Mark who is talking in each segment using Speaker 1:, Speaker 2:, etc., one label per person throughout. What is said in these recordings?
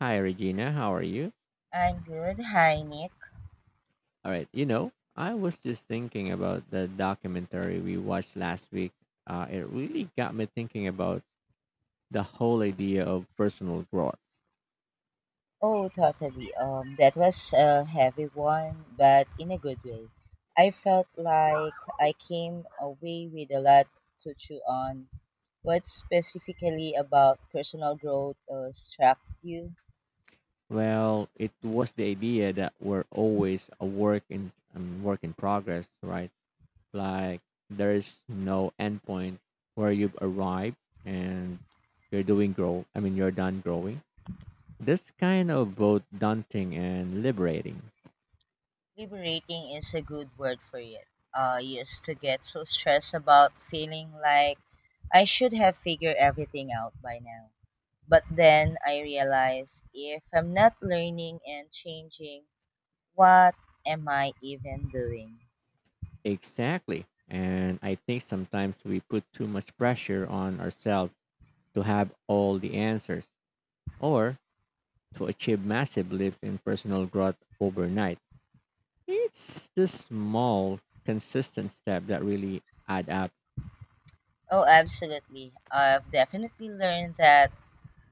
Speaker 1: Hi, Regina. How are you?
Speaker 2: I'm good. Hi, Nick.
Speaker 1: All right. You know, I was just thinking about the documentary we watched last week. It really got me thinking about the whole idea of personal growth.
Speaker 2: Oh, totally. That was a heavy one, but in a good way. I felt like I came away with a lot to chew on. What specifically about personal growth struck you?
Speaker 1: Well, it was the idea that we're always a work in progress, right? Like there's no endpoint where you've arrived and you're doing grow. I mean, you're done growing. This kind of both daunting and liberating.
Speaker 2: Liberating is a good word for it. I used to get so stressed about feeling like I should have figured everything out by now. But then I realized if I'm not learning and changing, what am I even doing?
Speaker 1: Exactly. And I think sometimes we put too much pressure on ourselves to have all the answers or to achieve massive leaps in personal growth overnight. It's the small, consistent step that really add up.
Speaker 2: Oh, absolutely. I've definitely learned that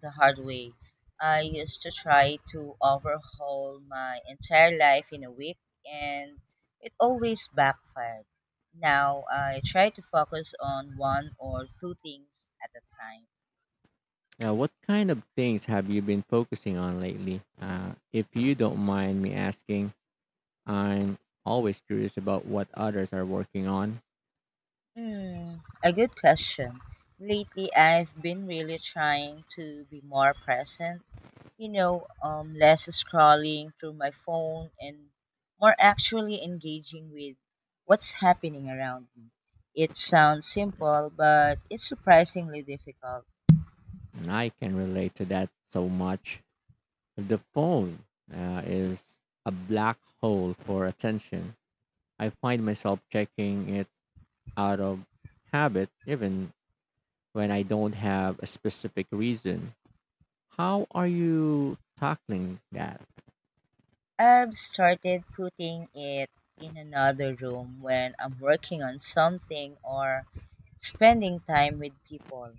Speaker 2: the hard way. I used to try to overhaul my entire life in a week, and it always backfired. Now I try to focus on one or two things at a time.
Speaker 1: Now, what kind of things have you been focusing on lately? If you don't mind me asking, I'm always curious about what others are working on,
Speaker 2: Hmm, a good question. Lately, I've been really trying to be more present, less scrolling through my phone and more actually engaging with what's happening around me. It sounds simple, but it's surprisingly difficult.
Speaker 1: and I can relate to that so much. The phone is a black hole for attention, I find myself checking it out of habit even when I don't have a specific reason. How are you tackling that?
Speaker 2: I've started putting it in another room when I'm working on something or spending time with people.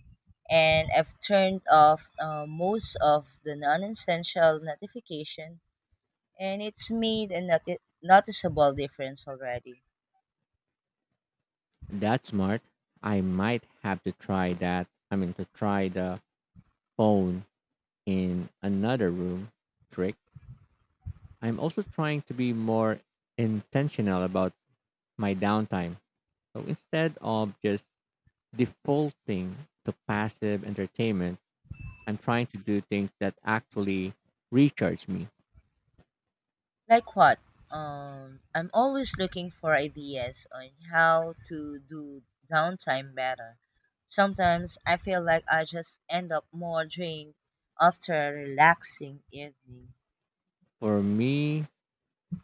Speaker 2: And I've turned off most of the non essential notification, and it's made a noticeable difference already.
Speaker 1: That's smart. I might have to try that. I mean, to try the phone in another room trick. I'm also trying to be more intentional about my downtime. So instead of just defaulting to passive entertainment. I'm trying to do things that actually recharge me.
Speaker 2: Like what? I'm always looking for ideas on how to do downtime better. Sometimes I feel like I just end up more drained after a relaxing evening.
Speaker 1: For me,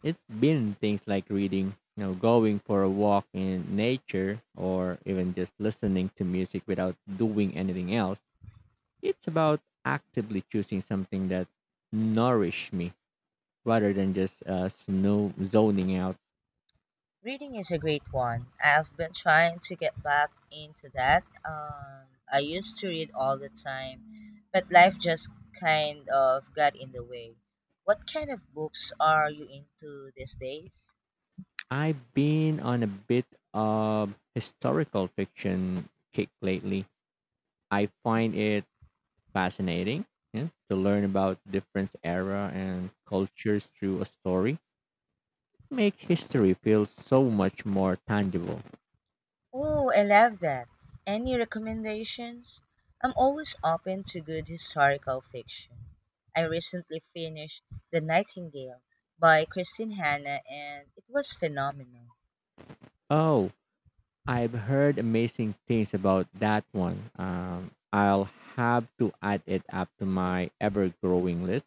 Speaker 1: it's been things like reading, you know, going for a walk in nature or even just listening to music without doing anything else. It's about actively choosing something that nourish me rather than just snow zoning out.
Speaker 2: Reading is a great one. I've been trying to get back into that. I used to read all the time, but life just kind of got in the way. What kind of books are you into these days?
Speaker 1: I've been on a bit of historical fiction kick lately. I find it fascinating, yeah, to learn about different era and cultures through a story make history feel so much more tangible.
Speaker 2: Oh, I love that. Any recommendations? I'm always open to good historical fiction. I recently finished The Nightingale by Christine Hanna, and it was phenomenal.
Speaker 1: Oh, I've heard amazing things about that one, I'll have to add it up to my ever-growing list.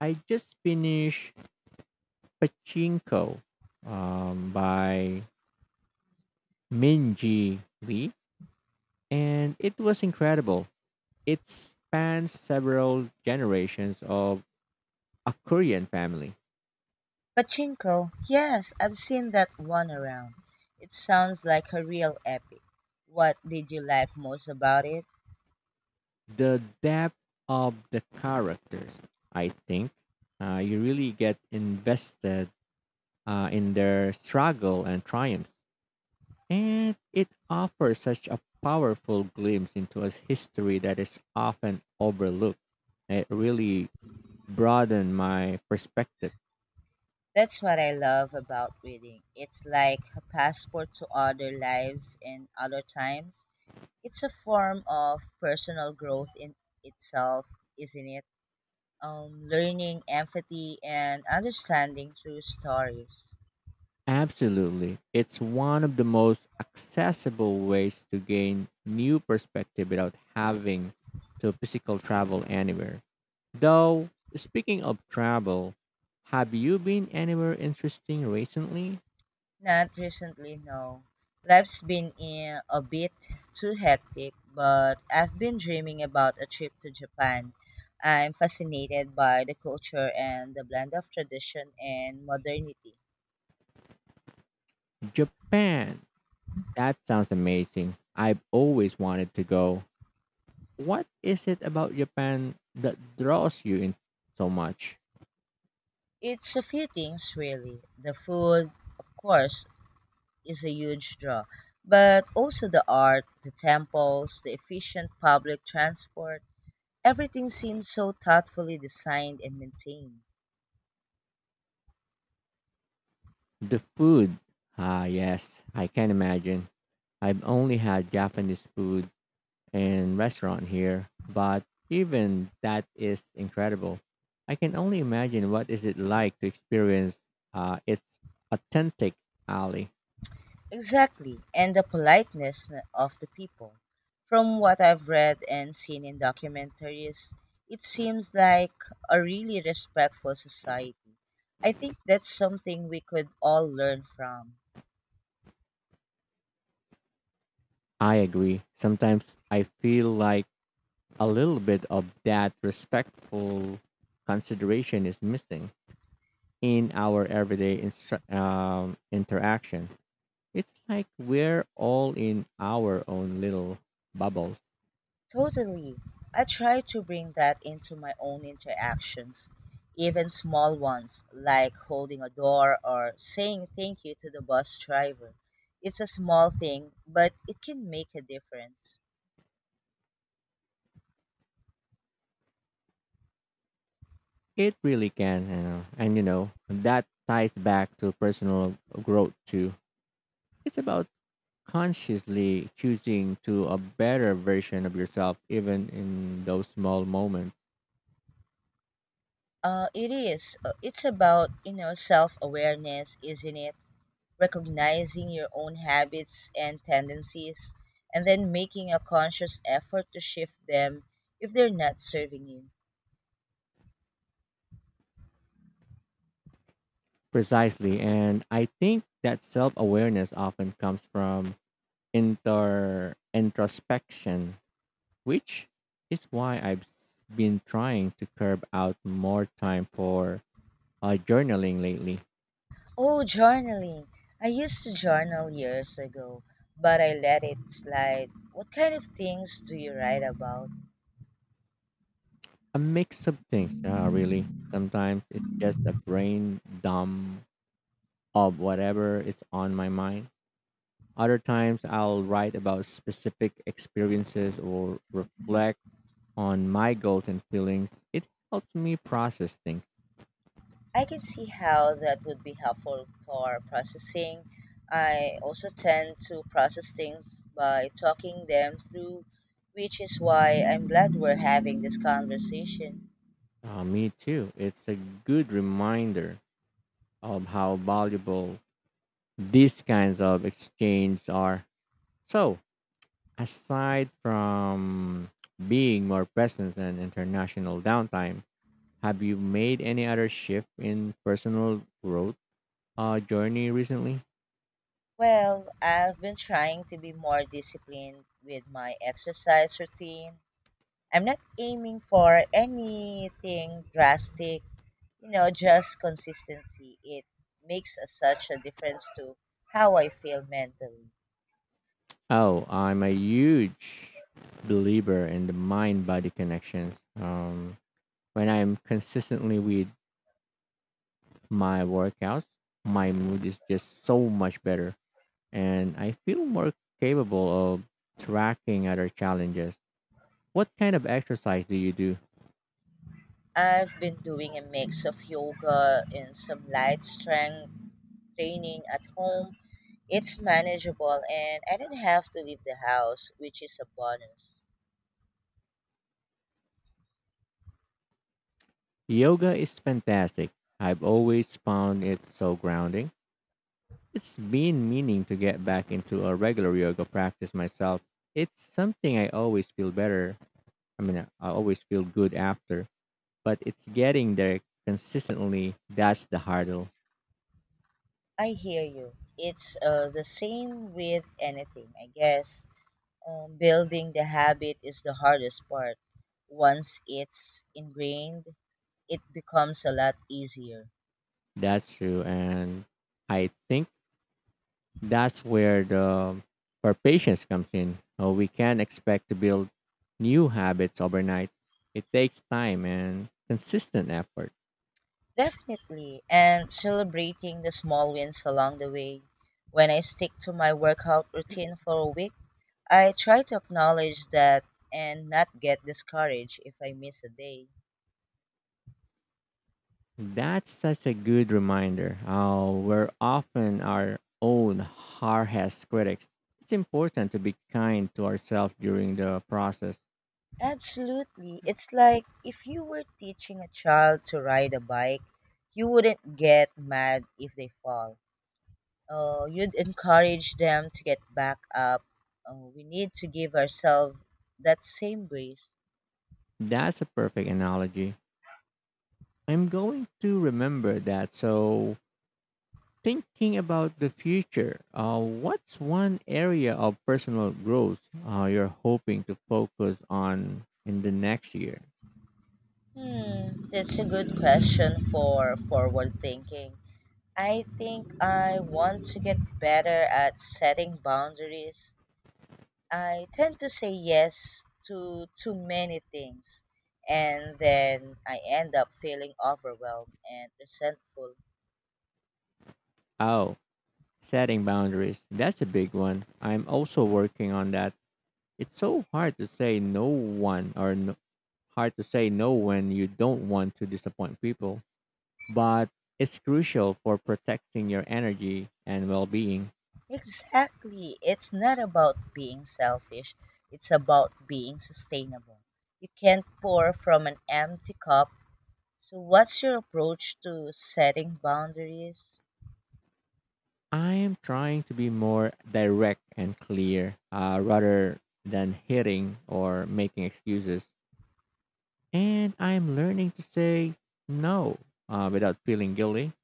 Speaker 1: I just finished pachinko, by minji lee, and it was incredible. It spans several generations of a Korean family.
Speaker 2: Pachinko, yes, I've seen that one around. It sounds like a real epic. What did you like most about it?
Speaker 1: The depth of the characters, I think, you really get invested in their struggle and triumph. And it offers such a powerful glimpse into a history that is often overlooked. It really broadened my perspective.
Speaker 2: That's what I love about reading. It's like a passport to other lives and other times. It's a form of personal growth in itself, isn't it? Learning empathy and understanding through stories.
Speaker 1: Absolutely. It's one of the most accessible ways to gain new perspective without having to physical travel anywhere. Though, speaking of travel, have you been anywhere interesting recently?
Speaker 2: Not recently, no. Life's been in a bit too hectic, but I've been dreaming about a trip to Japan. I'm fascinated by the culture and the blend of tradition and modernity.
Speaker 1: Japan. That sounds amazing. I've always wanted to go. What is it about Japan that draws you in so much?
Speaker 2: It's a few things, really. The food, of course, is a huge draw, but also the art, the temples, the efficient public transport. Everything seems so thoughtfully designed and maintained.
Speaker 1: The food. Ah, yes, I can imagine. I've only had Japanese food and restaurant here, but even that is incredible. I can only imagine what is it like to experience its authentic alley.
Speaker 2: Exactly, and the politeness of the people. From what I've read and seen in documentaries, it seems like a really respectful society. I think that's something we could all learn from.
Speaker 1: I agree. Sometimes I feel like a little bit of that respectful consideration is missing in our everyday interaction. It's like we're all in our own little bubble.
Speaker 2: Totally. I try to bring that into my own interactions, even small ones, like holding a door or saying thank you to the bus driver. It's a small thing, but it can make a difference.
Speaker 1: It really can, you know, and you know that ties back to personal growth too. It's about consciously choosing to a better version of yourself, even in those small moments.
Speaker 2: It is. It's about, you know, self awareness, isn't it? Recognizing your own habits and tendencies, and then making a conscious effort to shift them if they're not serving you.
Speaker 1: Precisely, and I think that self awareness often comes from inter introspection, which is why I've been trying to curb out more time for journaling lately.
Speaker 2: Oh, journaling. I used to journal years ago, but I let it slide. What kind of things do you write about?
Speaker 1: A mix of things, yeah, really. Sometimes it's just a brain dump of whatever is on my mind. Other times I'll write about specific experiences or reflect on my goals and feelings. It helps me process things.
Speaker 2: I can see how that would be helpful for processing. I also tend to process things by talking them through, which is why I'm glad we're having this conversation.
Speaker 1: Me too. It's a good reminder of how valuable these kinds of exchange are. So, aside from being more present in international downtime, have you made any other shift in personal growth journey recently?
Speaker 2: Well, I've been trying to be more disciplined with my exercise routine. I'm not aiming for anything drastic, you know, just consistency. It makes a, such a difference to how I feel mentally.
Speaker 1: Oh, I'm a huge believer in the mind body connections. When I'm consistently with my workouts, my mood is just so much better, and I feel more capable of tracking other challenges. What kind of exercise do you do?
Speaker 2: I've been doing a mix of yoga and some light strength training at home. It's manageable and I don't have to leave the house, which is a bonus.
Speaker 1: Yoga is fantastic. I've always found it so grounding. It's been meaning to get back into a regular yoga practice myself. It's something I always feel better. I always feel good after, but it's getting there consistently. That's the hurdle.
Speaker 2: I hear you. It's the same with anything, I guess. Building the habit is the hardest part. Once it's ingrained, it becomes a lot easier.
Speaker 1: That's true. And I think that's where the our patience comes in. We can't expect to build new habits overnight. It takes time and consistent effort.
Speaker 2: Definitely, and celebrating the small wins along the way. When I stick to my workout routine for a week, I try to acknowledge that and not get discouraged if I miss a day.
Speaker 1: That's such a good reminder. We're often our own hardest critics. It's important to be kind to ourselves during the process.
Speaker 2: Absolutely. It's like if you were teaching a child to ride a bike, you wouldn't get mad if they fall. You'd encourage them to get back up. We need to give ourselves that same grace.
Speaker 1: That's a perfect analogy. I'm going to remember that. So, thinking about the future, what's one area of personal growth you're hoping to focus on in the next year?
Speaker 2: Hmm, that's a good question for forward thinking. I think I want to get better at setting boundaries. I tend to say yes to too many things, and then I end up feeling overwhelmed and resentful.
Speaker 1: Oh, setting boundaries. That's a big one. I'm also working on that. It's so hard to say no one or no, hard to say no when you don't want to disappoint people, but it's crucial for protecting your energy and well-being.
Speaker 2: Exactly. It's not about being selfish, it's about being sustainable. You can't pour from an empty cup. So, what's your approach to setting boundaries?
Speaker 1: I am trying to be more direct and clear rather than hitting or making excuses. And I'm learning to say no without feeling guilty.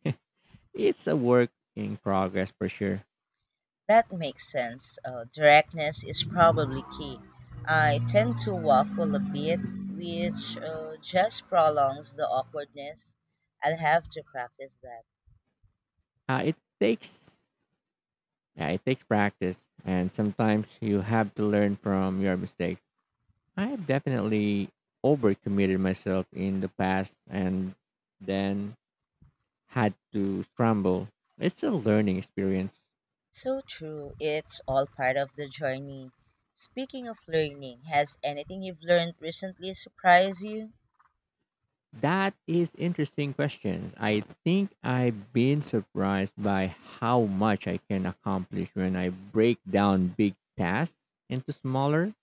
Speaker 1: It's a work in progress for sure.
Speaker 2: That makes sense. Directness is probably key. I tend to waffle a bit, which just prolongs the awkwardness. I'll have to practice that.
Speaker 1: It takes Yeah, it takes practice, and sometimes you have to learn from your mistakes. I have definitely overcommitted myself in the past and then had to scramble. It's a learning experience.
Speaker 2: So true. It's all part of the journey. Speaking of learning, has anything you've learned recently surprised you?
Speaker 1: That is interesting question. I think I've been surprised by how much I can accomplish when I break down big tasks into smaller,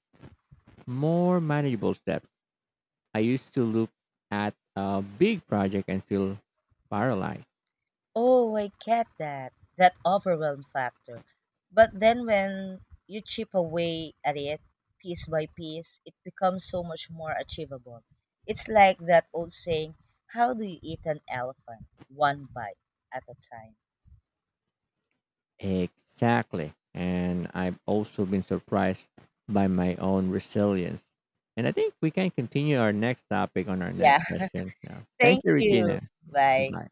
Speaker 1: more manageable steps. I used to look at a big project and feel paralyzed.
Speaker 2: Oh, I get that. That overwhelm factor. But then when you chip away at it piece by piece, it becomes so much more achievable. It's like that old saying, how do you eat an elephant? One bite at a time.
Speaker 1: Exactly. And I've also been surprised by my own resilience. And I think we can continue our next topic on our
Speaker 2: Yeah,
Speaker 1: next session now.
Speaker 2: thank
Speaker 1: Thank you,
Speaker 2: you.
Speaker 1: Regina.
Speaker 2: Bye.
Speaker 1: Goodbye.